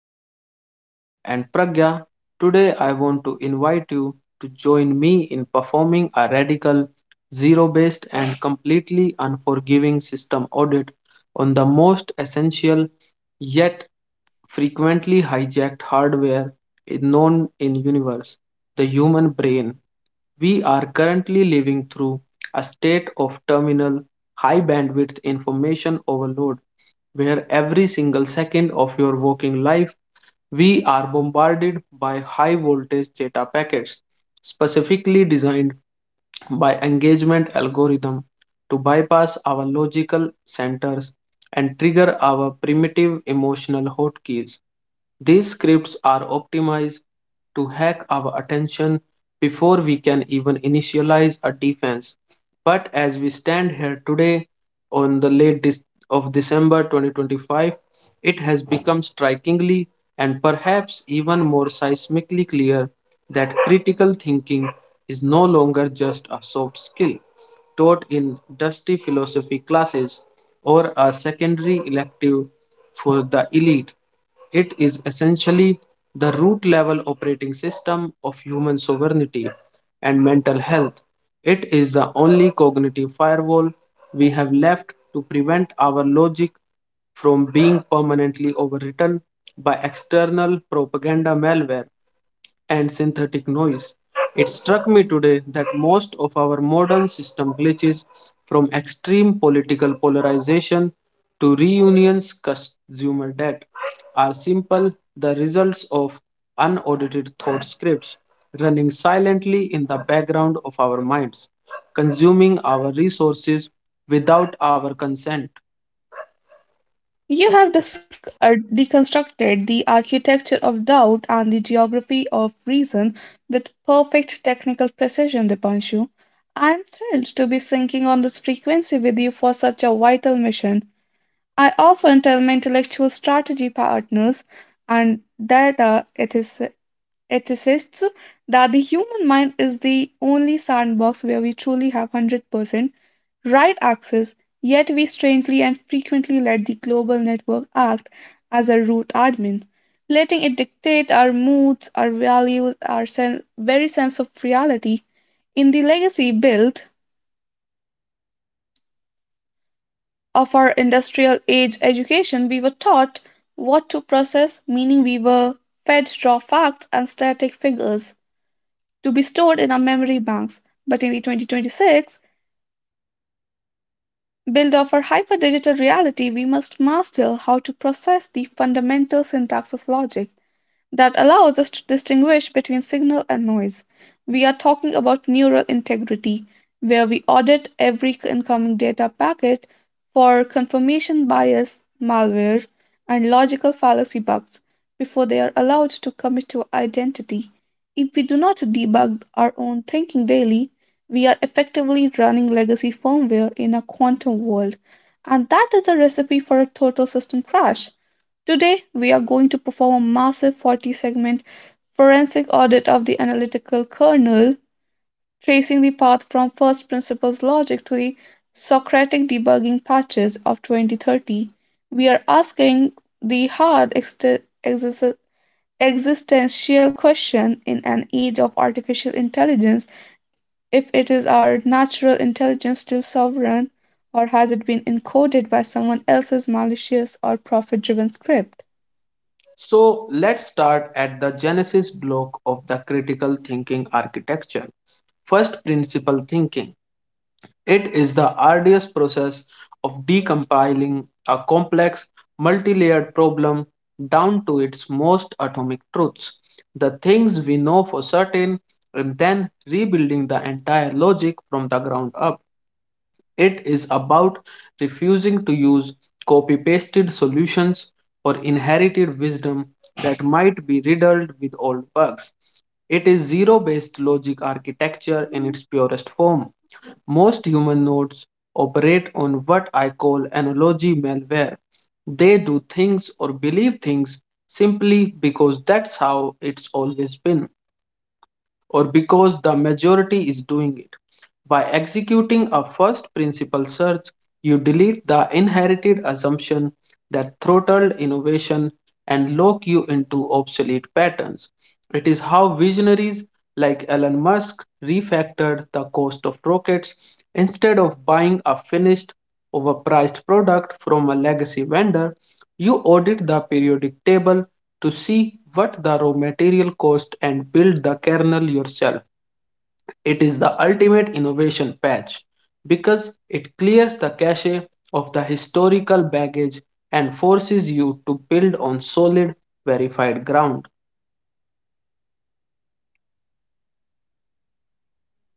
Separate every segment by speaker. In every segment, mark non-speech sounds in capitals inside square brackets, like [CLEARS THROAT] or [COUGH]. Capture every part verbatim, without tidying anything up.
Speaker 1: is Dipanshu and Pragya. Today, I want to invite you to join me in performing a radical, zero based, and completely unforgiving system audit on the most essential yet frequently hijacked hardware is known in universe, the human brain. We are currently living through a state of terminal high bandwidth information overload, where every single second of your working life we are bombarded by high voltage data packets specifically designed by engagement algorithm to bypass our logical centers and trigger our primitive emotional hotkeys. These scripts are optimized to hack our attention before we can even initialize a defense. But as we stand here today on the late of December twenty twenty-five, it has become strikingly and perhaps even more seismically clear that critical thinking is no longer just a soft skill taught in dusty philosophy classes or a secondary elective for the elite. It is essentially the root level operating system of human sovereignty and mental health. It is the only cognitive firewall we have left to prevent our logic from being permanently overwritten by external propaganda malware and synthetic noise. It struck me today that most of our modern system glitches, from extreme political polarization to reunions consumer debt, are simple the results of unaudited thought scripts running silently in the background of our minds, consuming our resources without our consent.
Speaker 2: You have dis- uh, deconstructed the architecture of doubt and the geography of reason with perfect technical precision, Dipanshu. I'm thrilled to be syncing on this frequency with you for such a vital mission. I often tell my intellectual strategy partners and data ethis- ethicists that the human mind is the only sandbox where we truly have one hundred percent right access, yet we strangely and frequently let the global network act as a root admin, letting it dictate our moods, our values, our sen- very sense of reality. In the legacy built of our industrial age education, we were taught what to process, meaning we were fed raw facts and static figures. to be stored in our memory banks. But in the twenty twenty-six build of our hyperdigital reality, we must master how to process the fundamental syntax of logic that allows us to distinguish between signal and noise. We are talking about neural integrity, where we audit every incoming data packet for confirmation bias, malware, and logical fallacy bugs before they are allowed to commit to identity. If we do not debug our own thinking daily, we are effectively running legacy firmware in a quantum world, and that is a recipe for a total system crash. Today, we are going to perform a massive forty segment forensic audit of the analytical kernel, tracing the path from first principles logic to the Socratic debugging patches of twenty thirty. We are asking the hard exte- exis- existential question in an age of artificial intelligence: if it is our natural intelligence still sovereign, or has it been encoded by someone else's malicious or profit driven script?
Speaker 1: So let's start at the genesis block of the critical thinking architecture. First principle thinking. It is the arduous process of decompiling a complex, multi layered problem down to its most atomic truths, the things we know for certain, and then rebuilding the entire logic from the ground up. It is about refusing to use copy pasted solutions or inherited wisdom that might be riddled with old bugs. It is zero based logic architecture in its purest form. Most human nodes operate on what I call analogy malware. They do things or believe things simply because that's how it's always been, or because the majority is doing it. By executing a first principle search, you delete the inherited assumption that throttled innovation and lock you into obsolete patterns. It is how visionaries like Elon Musk refactored the cost of rockets instead of buying a finished, overpriced product from a legacy vendor. You audit the periodic table to see what the raw material cost and build the kernel yourself. It is the ultimate innovation patch because it clears the cache of the historical baggage and forces you to build on solid, verified ground.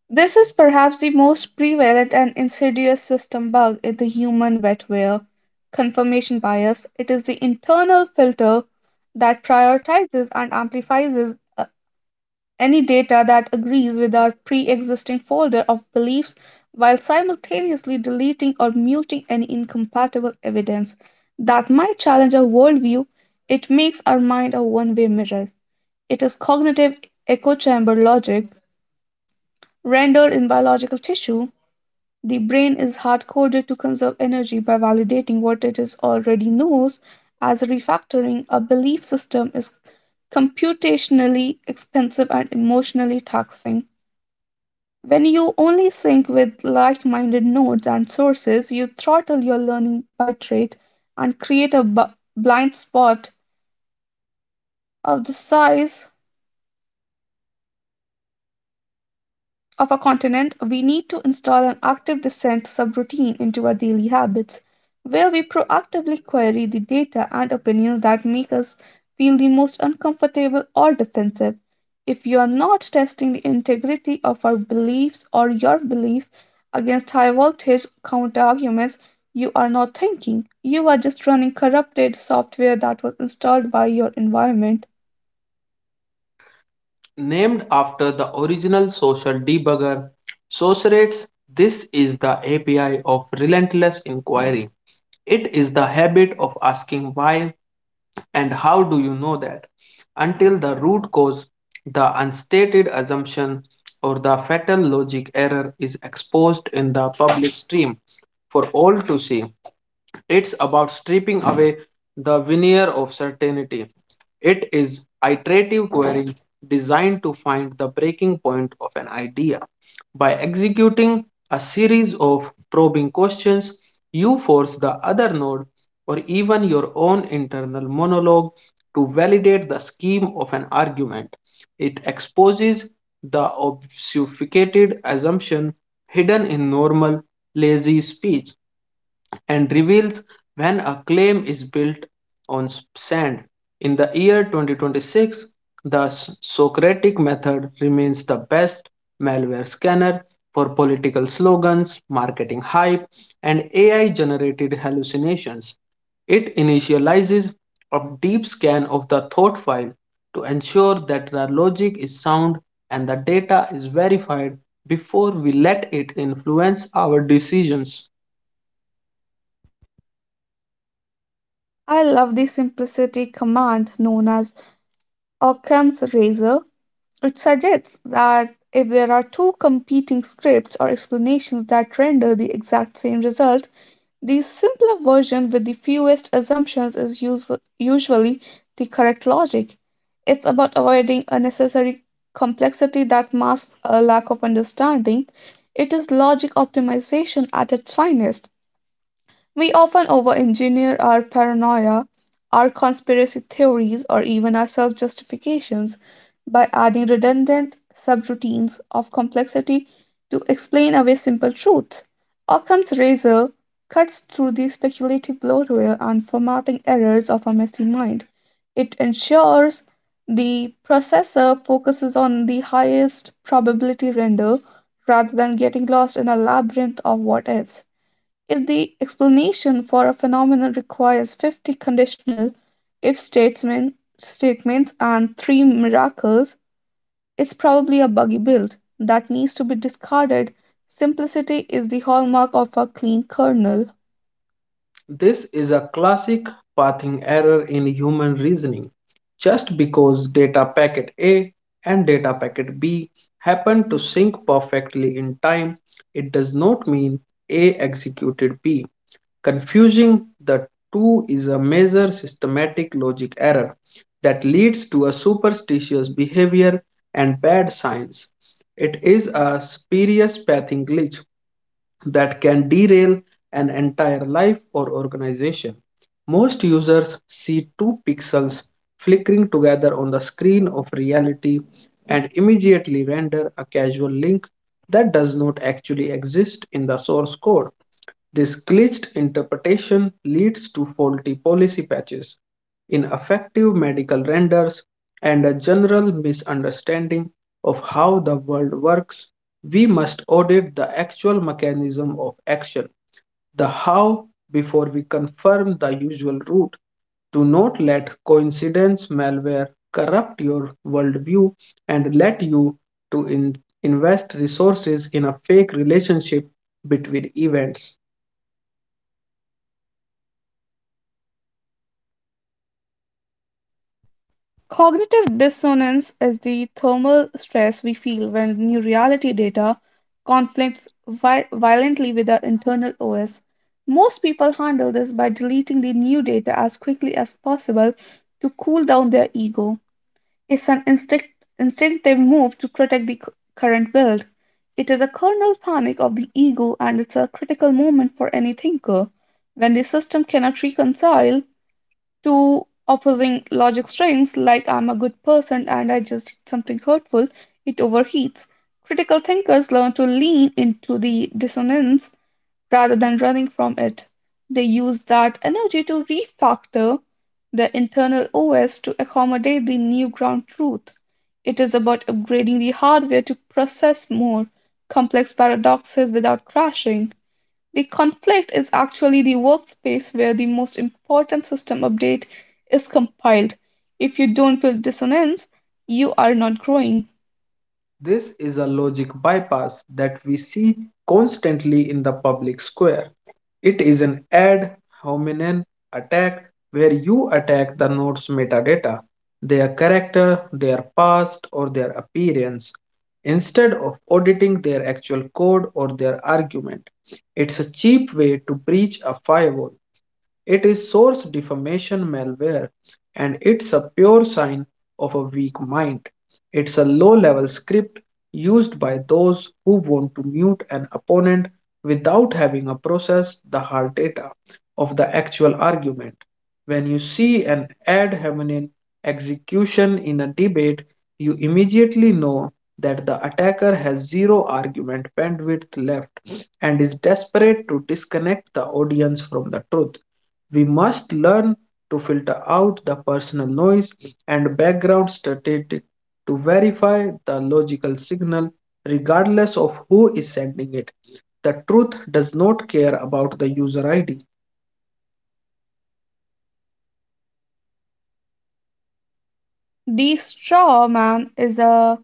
Speaker 2: This is perhaps the most prevalent and insidious system bug in the human wetware: confirmation bias. It is the internal filter that prioritizes and amplifies uh, any data that agrees with our pre existing folder of beliefs while simultaneously deleting or muting any incompatible evidence that might challenge our worldview. It makes our mind a one way mirror. It is cognitive echo chamber logic rendered in biological tissue. The brain is hard coded to conserve energy by validating what it is already knows, as refactoring a belief system is computationally expensive and emotionally taxing. When you only sync with like minded nodes and sources, you throttle your learning by trait and create a bu- blind spot of the size of a continent, We need to install an active descent subroutine into our daily habits, where we proactively query the data and opinions that make us feel the most uncomfortable or defensive. If you are not testing the integrity of our beliefs or your beliefs against high voltage counterarguments, you are not thinking. You are just running corrupted software that was installed by your environment.
Speaker 1: Named after the original social debugger, Socrates, this is the A P I of relentless inquiry. It is the habit of asking why and how do you know that, until the root cause, the unstated assumption, or the fatal logic error is exposed in the public stream for all to see. It's about stripping away the veneer of certainty. It is iterative query designed to find the breaking point of an idea. By executing a series of probing questions, you force the other node or even your own internal monologue to validate the scheme of an argument. It exposes the obfuscated assumption hidden in normal, lazy speech, and reveals when a claim is built on sand. In the year twenty twenty-six, the Socratic method remains the best malware scanner for political slogans, marketing hype, and A I generated hallucinations. It initializes a deep scan of the thought file to ensure that the logic is sound and the data is verified before we let it influence our decisions.
Speaker 2: I love the simplicity command known as Occam's razor It suggests that if there are two competing scripts or explanations that render the exact same result, the simpler version with the fewest assumptions is usu- usually the correct logic. It's about avoiding unnecessary complexity that masks a lack of understanding. It is logic optimization at its finest. We often over engineer our paranoia, our conspiracy theories, or even our self justifications by adding redundant subroutines of complexity to explain away simple truths. Occam's razor cuts through the speculative bloatware and formatting errors of a messy mind. It ensures the processor focuses on the highest probability render rather than getting lost in a labyrinth of what ifs. If the explanation for a phenomenon requires fifty conditional if statements, statements and three miracles, it's probably a buggy build that needs to be discarded. Simplicity is the hallmark of a clean kernel.
Speaker 1: This is a classic pathing error in human reasoning. Just because data packet A and data packet B happen to sync perfectly in time, it does not mean A executed B. Confusing the two is a major systematic logic error that leads to a superstitious behavior and bad science. It is a spurious pathing glitch that can derail an entire life or organization. Most users see two pixels flickering together on the screen of reality and immediately render a casual link that does not actually exist in the source code. This glitched interpretation leads to faulty policy patches, ineffective medical renders, and a general misunderstanding of how the world works. We must audit the actual mechanism of action, the how, before we confirm the usual route. Do not let coincidence malware corrupt your worldview and let you to in- invest resources in a fake relationship between events.
Speaker 2: Cognitive dissonance is the thermal stress we feel when new reality data conflicts vi- violently with our internal O S. Most people handle this by deleting the new data as quickly as possible to cool down their ego. It's an instinct- instinctive move to protect the cu- current build. It is a kernel panic of the ego, and it's a critical moment for any thinker. When the system cannot reconcile Two opposing logic strings, like "I'm a good person" and "I just did something hurtful," it overheats. Critical thinkers learn to lean into the dissonance rather than running from it. They use that energy to refactor the internal O S to accommodate the new ground truth. It is about upgrading the hardware to process more complex paradoxes without crashing. The conflict is actually the workspace where the most important system update is compiled. If you don't feel dissonance, you are not growing.
Speaker 1: This is a logic bypass that we see constantly in the public square. It is an ad hominem attack where you attack the node's metadata, their character, their past, or their appearance, instead of auditing their actual code or their argument. It's a cheap way to breach a firewall. It is source defamation malware, and it's a pure sign of a weak mind. It's a low level script used by those who want to mute an opponent without having a process the hard data of the actual argument. When you see an ad hominem execution in a debate, you immediately know that the attacker has zero argument bandwidth left and is desperate to disconnect the audience from the truth. We must learn to filter out the personal noise and background static to verify the logical signal, regardless of who is sending it. The truth does not care about the user I D.
Speaker 2: The straw man is a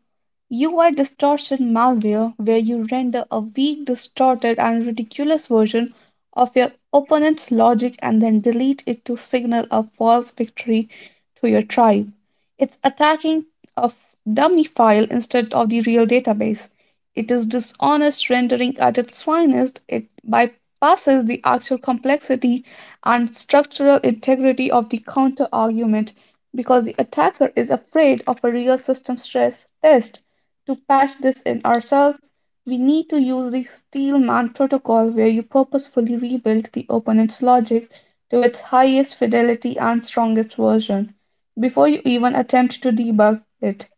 Speaker 2: U I distortion malware where you render a weak, distorted, and ridiculous version of your opponent's logic and then delete it to signal a false victory to your tribe. It's attacking a f- dummy file instead of the real database. It is dishonest rendering at its finest. It bypasses the actual complexity and structural integrity of the counter argument because the attacker is afraid of a real system stress test. To patch this in ourselves, we need to use the Steelman protocol, where you purposefully rebuild the opponent's logic to its highest fidelity and strongest version before you even attempt to debug it.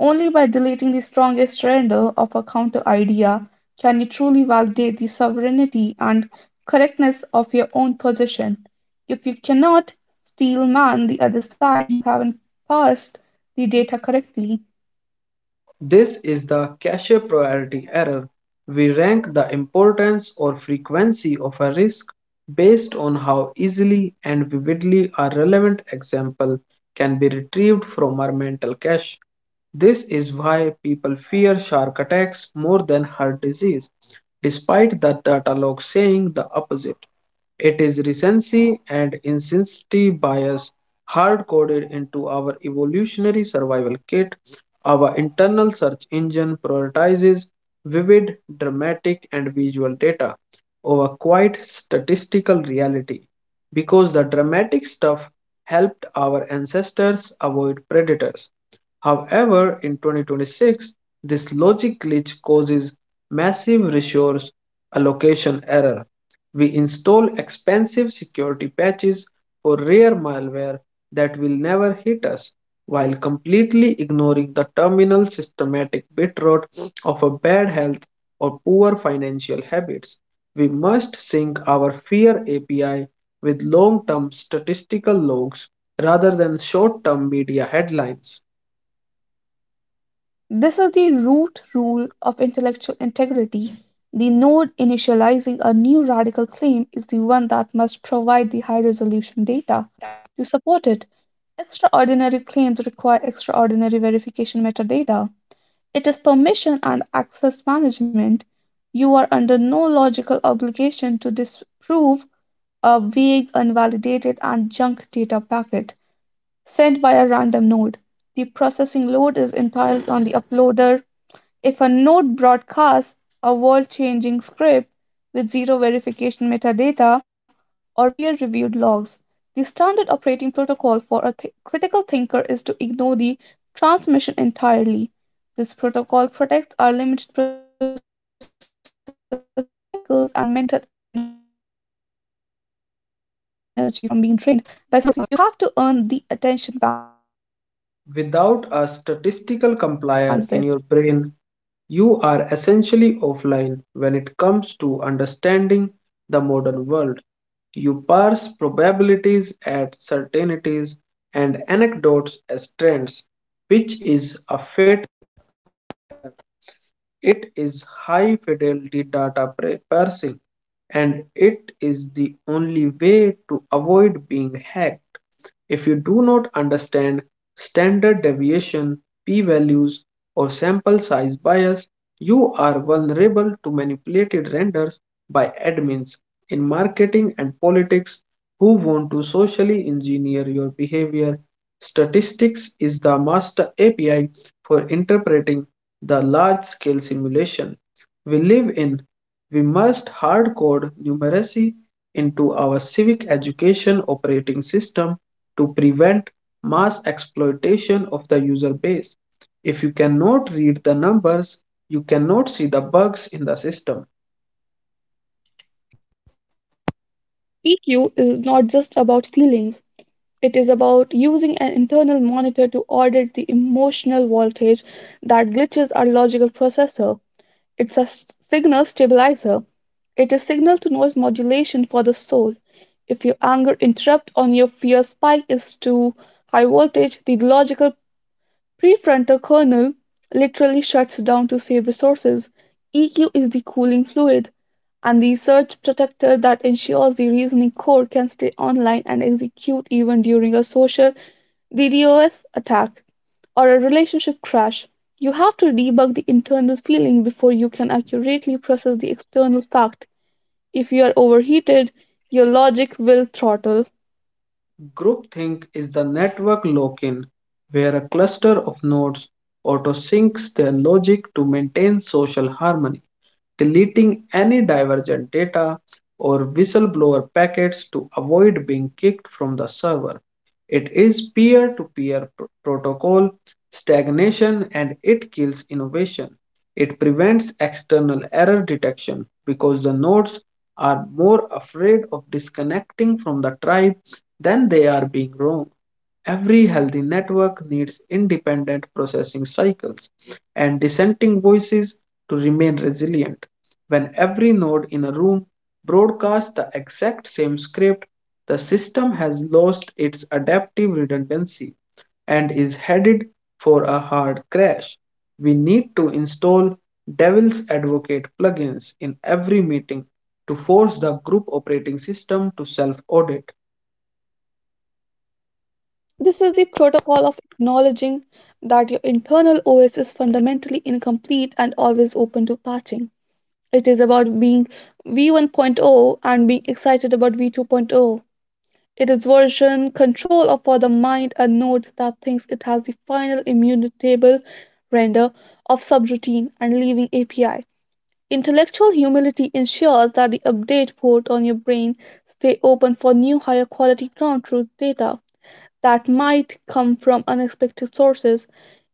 Speaker 2: Only by deleting the strongest render of a counter idea can you truly validate the sovereignty and correctness of your own position. If you cannot steel man the other side, you haven't parsed the data correctly.
Speaker 1: This is the cache priority error. We rank the importance or frequency of a risk based on how easily and vividly a relevant example can be retrieved from our mental cache. This is why people fear shark attacks more than heart disease, despite the data log saying the opposite. It is recency and insensitivity bias hard coded into our evolutionary survival kit. Our internal search engine prioritizes vivid, dramatic, and visual data over quiet statistical reality because the dramatic stuff helped our ancestors avoid predators. However, in twenty twenty-six, this logic glitch causes massive resource allocation error. We install expensive security patches for rare malware that will never hit us while completely ignoring the terminal systematic bitrot of a bad health or poor financial habits. We must sync our fear A P I with long term statistical logs rather than short term media headlines.
Speaker 2: This is the root rule of intellectual integrity. The node initializing a new radical claim is the one that must provide the high resolution data to support it. Extraordinary claims require extraordinary verification metadata. It is permission and access management. You are under no logical obligation to disprove a vague, unvalidated, and junk data packet sent by a random node. The processing load is entirely on the uploader. If a node broadcasts a world changing script with zero verification metadata or peer reviewed logs, the standard operating protocol for a th- critical thinker is to ignore the transmission entirely. This protocol protects our limited processing cycles and mental energy from being drained by speculative spam and conspiracy malware. You have to earn the attention bandwidth.
Speaker 1: Without a statistical compiler in your brain, you are essentially offline when it comes to understanding the modern world. You parse probabilities as certainties and anecdotes as trends, which is a fatal. It is high fidelity data parsing, and it is the only way to avoid being hacked. If you do not understand standard deviation, p values, or sample size bias, you are vulnerable to manipulated renders by admins in marketing and politics who want to socially engineer your behavior. Statistics is the master A P I for interpreting the large scale simulation we live in. We must hard code numeracy into our civic education operating system to prevent mass exploitation of the user base. If you cannot read the numbers, you cannot see the bugs in the system.
Speaker 2: E Q is not just about feelings, It is about using an internal monitor to audit the emotional voltage that glitches our logical processor. It's a s- signal stabilizer. It is signal to noise modulation for the soul. If your anger interrupt on your fear spike is too high voltage, the logical Prefrontal kernel literally shuts down to save resources. E Q is the cooling fluid and the surge protector that ensures the reasoning core can stay online and execute even during a social D dos attack or a relationship crash. You have to debug the internal feeling before you can accurately process the external fact. If you are overheated, your logic will throttle.
Speaker 1: Groupthink is the network lock in, where a cluster of nodes auto syncs their logic to maintain social harmony, deleting any divergent data or whistleblower packets to avoid being kicked from the server. It is peer-to-peer protocol stagnation, and it kills innovation. It prevents external error detection because the nodes are more afraid of disconnecting from the tribe than they are being wrong. Every healthy network needs independent processing cycles and dissenting voices to remain resilient. When every node in a room broadcasts the exact same script, the system has lost its adaptive redundancy and is headed for a hard crash. We need to install Devil's Advocate plugins in every meeting to force the group operating system to self audit.
Speaker 2: This is the protocol of acknowledging that your internal O S is fundamentally incomplete and always open to patching. It is about being V1.0 and being excited about V2.0. It is version control of- for the mind. A node that thinks it has the final immutable render of subroutine and leaving A P I. Intellectual humility ensures that the update port on your brain stay open for new higher quality ground truth data that might come from unexpected sources.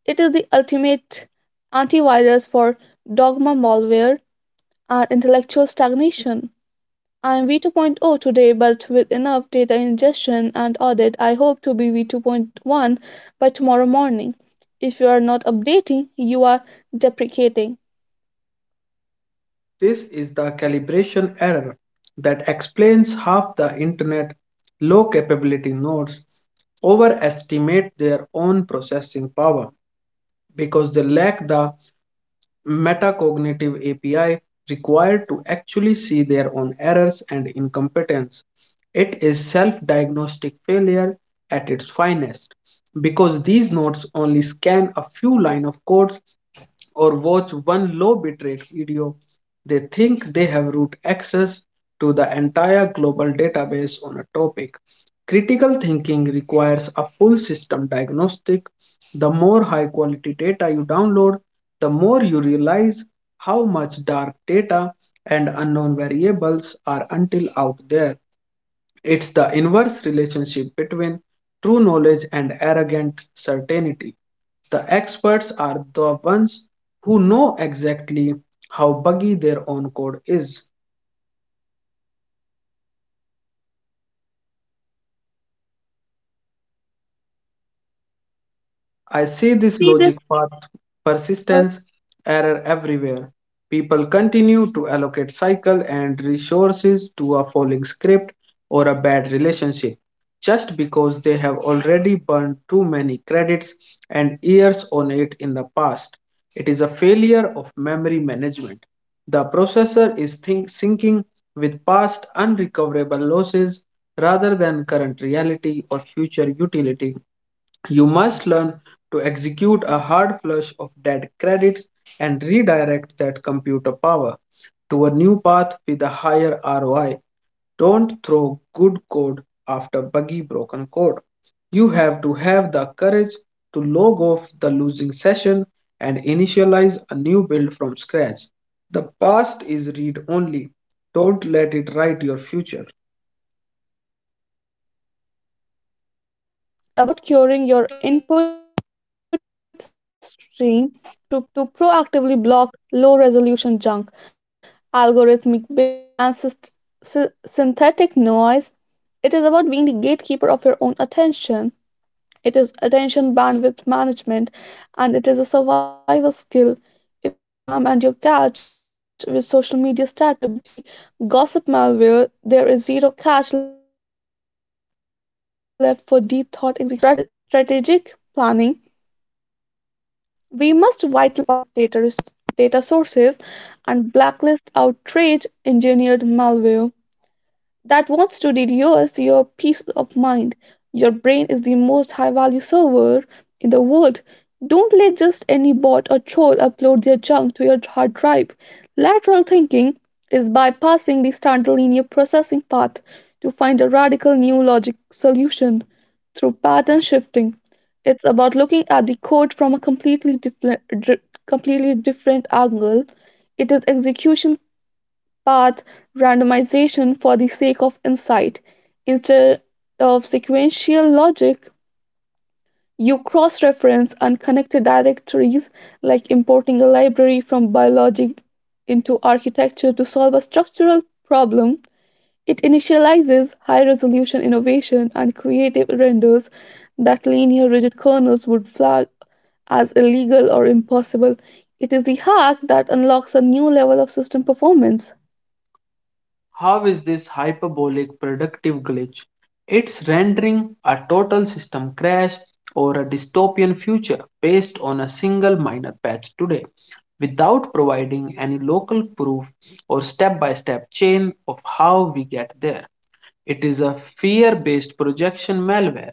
Speaker 2: It is the ultimate antivirus for dogma malware and intellectual stagnation. I am V2.0 point oh today, but with enough data ingestion and audit, I hope to be V two point one by tomorrow morning. If you are not updating, you are deprecating.
Speaker 1: This is the calibration error that explains how the internet low capability nodes overestimate their own processing power because they lack the metacognitive A P I required to actually see their own errors and incompetence. It is self diagnostic failure at its finest. Because these nodes only scan a few lines of codes or watch one low bitrate video, they think they have root access to the entire global database on a topic. Critical thinking requires a full system diagnostic. The more high quality data you download, the more you realize how much dark data and unknown variables are until out there. It's the inverse relationship between true knowledge and arrogant certainty. The experts are the ones who know exactly how buggy their own code is. I see this logic path persistence error everywhere. People continue to allocate cycle and resources to a falling script or a bad relationship just because they have already burned too many credits and years on it in the past. It is a failure of memory management. The processor is think- syncing with past unrecoverable losses rather than current reality or future utility. You must learn to execute a hard flush of dead credits and redirect that computer power to a new path with a higher R O I. Don't throw good code after buggy broken code. You have to have the courage to log off the losing session and initialize a new build from scratch. The past is read only. Don't let it write your future.
Speaker 2: This is about curing your input stream to, to proactively block low resolution junk, algorithmic bait, and syst- sy- synthetic noise. It is about being the gatekeeper of your own attention. It is attention bandwidth management, and it is a survival skill. If you fill your RAM and your cache with social media static and celebrity gossip malware, there is zero cache left for deep thought execution or strate- strategic planning. We must whitelist verified high signal data, data sources and blacklist outrage engineered malware that wants to reduce your peace of mind. Your brain is the most high value server in the world. Don't let just any bot or troll upload their junk to your hard drive. Lateral thinking is bypassing the standard linear processing path to find a radical new logic solution through pattern shifting. It's about looking at the code from a completely different, completely different angle. It is execution path randomization for the sake of insight. Instead of sequential logic, you cross reference unconnected directories, like importing a library from biology into architecture to solve a structural problem. It initializes high resolution innovation and creative renders that linear rigid kernels would flag as illegal or impossible. It is the hack that unlocks a new level of system performance.
Speaker 1: How is this hyperbolic productive glitch? It's rendering a total system crash or a dystopian future based on a single minor patch today, without providing any local proof or step by step chain of how we get there. It is a fear based projection malware.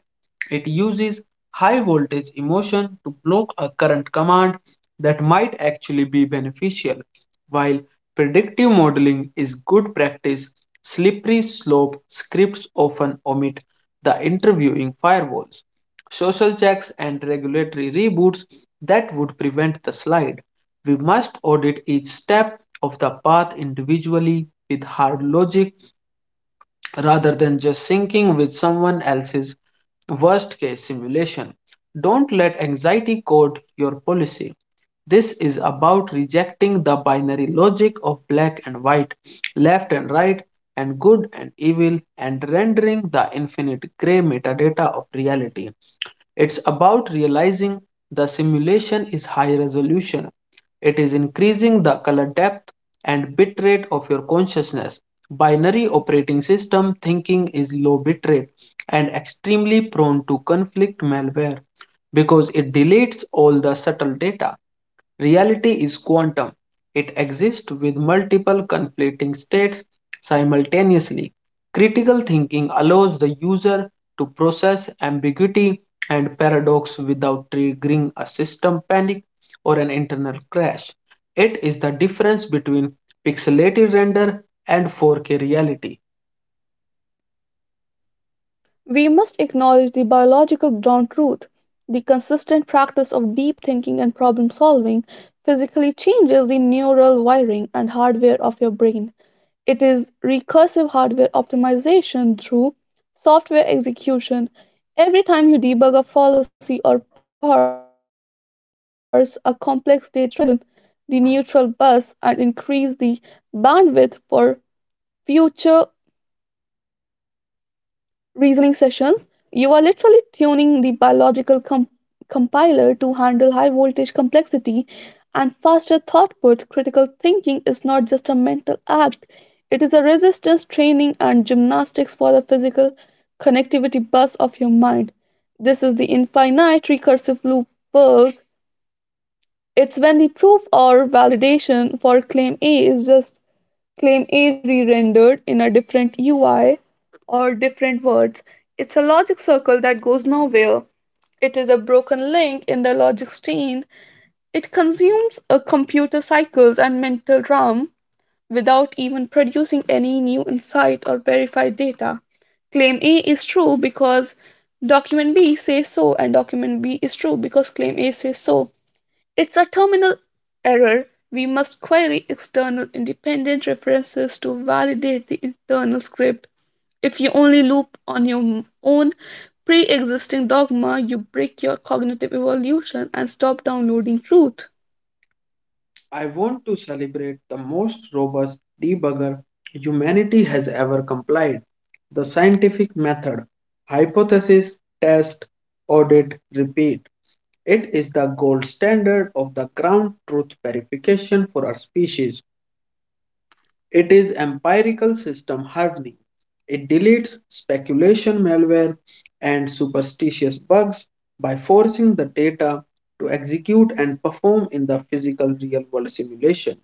Speaker 1: It uses high voltage emotion to block a current command that might actually be beneficial. While predictive modeling is good practice, slippery slope scripts often omit the interviewing firewalls, social checks, and regulatory reboots that would prevent the slide. We must audit each step of the path individually with hard logic rather than just syncing with someone else's worst case simulation. Don't let anxiety code your policy. This is about rejecting the binary logic of black and white, left and right, and good and evil, and rendering the infinite gray metadata of reality. It's about realizing the simulation is high resolution. It is increasing the color depth and bitrate of your consciousness. Binary operating system thinking is low bitrate and extremely prone to conflict malware because it deletes all the subtle data. Reality is quantum. It exists with multiple conflicting states simultaneously. Critical thinking allows the user to process ambiguity and paradox without triggering a system panic or an internal crash. It is the difference between pixelated render and four K reality.
Speaker 2: We must acknowledge the biological ground truth. The consistent practice of deep thinking and problem solving physically changes the neural wiring and hardware of your brain. It is recursive hardware optimization through software execution. Every time you debug a fallacy or parse a complex data set, you strengthen the neutral bus and increase the bandwidth for future reasoning sessions. You are literally tuning the biological com- compiler to handle high voltage complexity and faster thought output. Critical thinking is not just a mental act, it is a resistance training and gymnastics for the physical connectivity bus of your mind. This is the infinite recursive loop bug. It's when the proof or validation for claim A is just claim A re-rendered in a different U I or different words. It's a logic circle that goes nowhere. It is a broken link in the logic chain. It consumes a computer cycles and mental RAM without even producing any new insight or verified data. Claim A is true because document B says so, and document B is true because claim A says so. It's a terminal error. We must query external independent references to validate the internal script. If you only loop on your own pre existing dogma, you break your cognitive evolution and stop downloading truth.
Speaker 1: I want to celebrate the most robust debugger humanity has ever complied: the scientific method. Hypothesis, test, audit, repeat. It is the gold standard of the ground truth verification for our species. It is empirical system hardening. It deletes speculation malware and superstitious bugs by forcing the data to execute and perform in the physical real world simulation.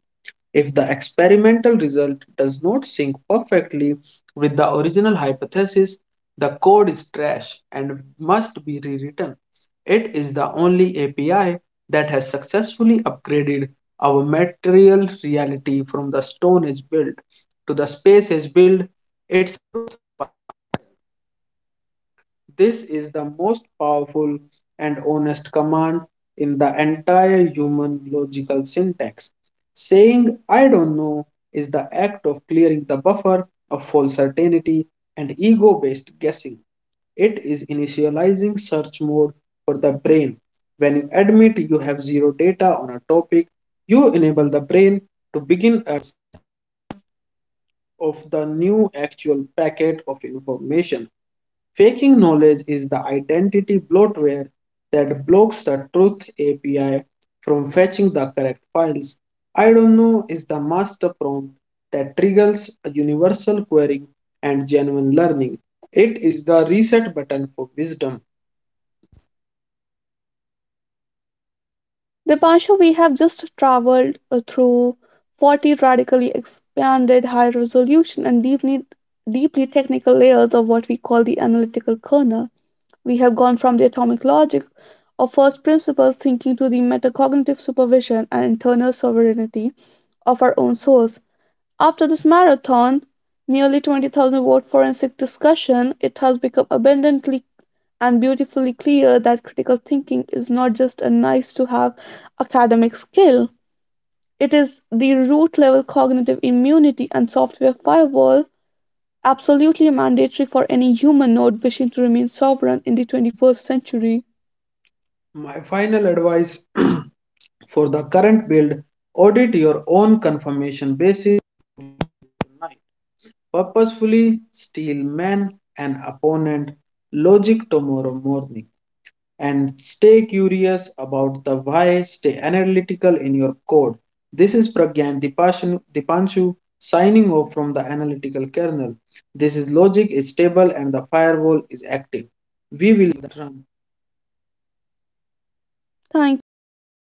Speaker 1: If the experimental result does not sync perfectly with the original hypothesis, the code is trash and must be rewritten. It is the only A P I that has successfully upgraded our material reality from the Stone Age build to the Space Age build. It This is the most powerful and honest command in the entire human logical syntax. Saying I don't know is the act of clearing the buffer of false certainty and ego based guessing. It is initializing search mode for the brain. When you admit you have zero data on a topic, you enable the brain to begin a of the new actual packet of information. Faking knowledge is the identity bloatware that blocks the truth A P I from fetching the correct files. I don't know is the master prompt that triggers a universal querying and genuine learning. It is the reset button for wisdom.
Speaker 2: Dipanshu, we have just traveled uh, through forty radically expanded high resolution and deeply, deeply technical layers of what we call the analytical kernel. We have gone from the atomic logic of first principles thinking to the metacognitive supervision and internal sovereignty of our own souls. After this marathon, nearly twenty thousand word forensic discussion, it has become abundantly and beautifully clear that critical thinking is not just a nice to have academic skill. It is the root level cognitive immunity and software firewall, absolutely mandatory for any human node wishing to remain sovereign in the twenty-first century.
Speaker 1: My final advice [CLEARS THROAT] for the current build, audit your own confirmation basis tonight. Purposefully steal man and opponent logic tomorrow morning, and stay curious about the why, stay analytical in your code. This is Pragyan Dipanshu signing off from the analytical kernel. This is logic is stable and the firewall is active. We will run.
Speaker 2: Thank you so much.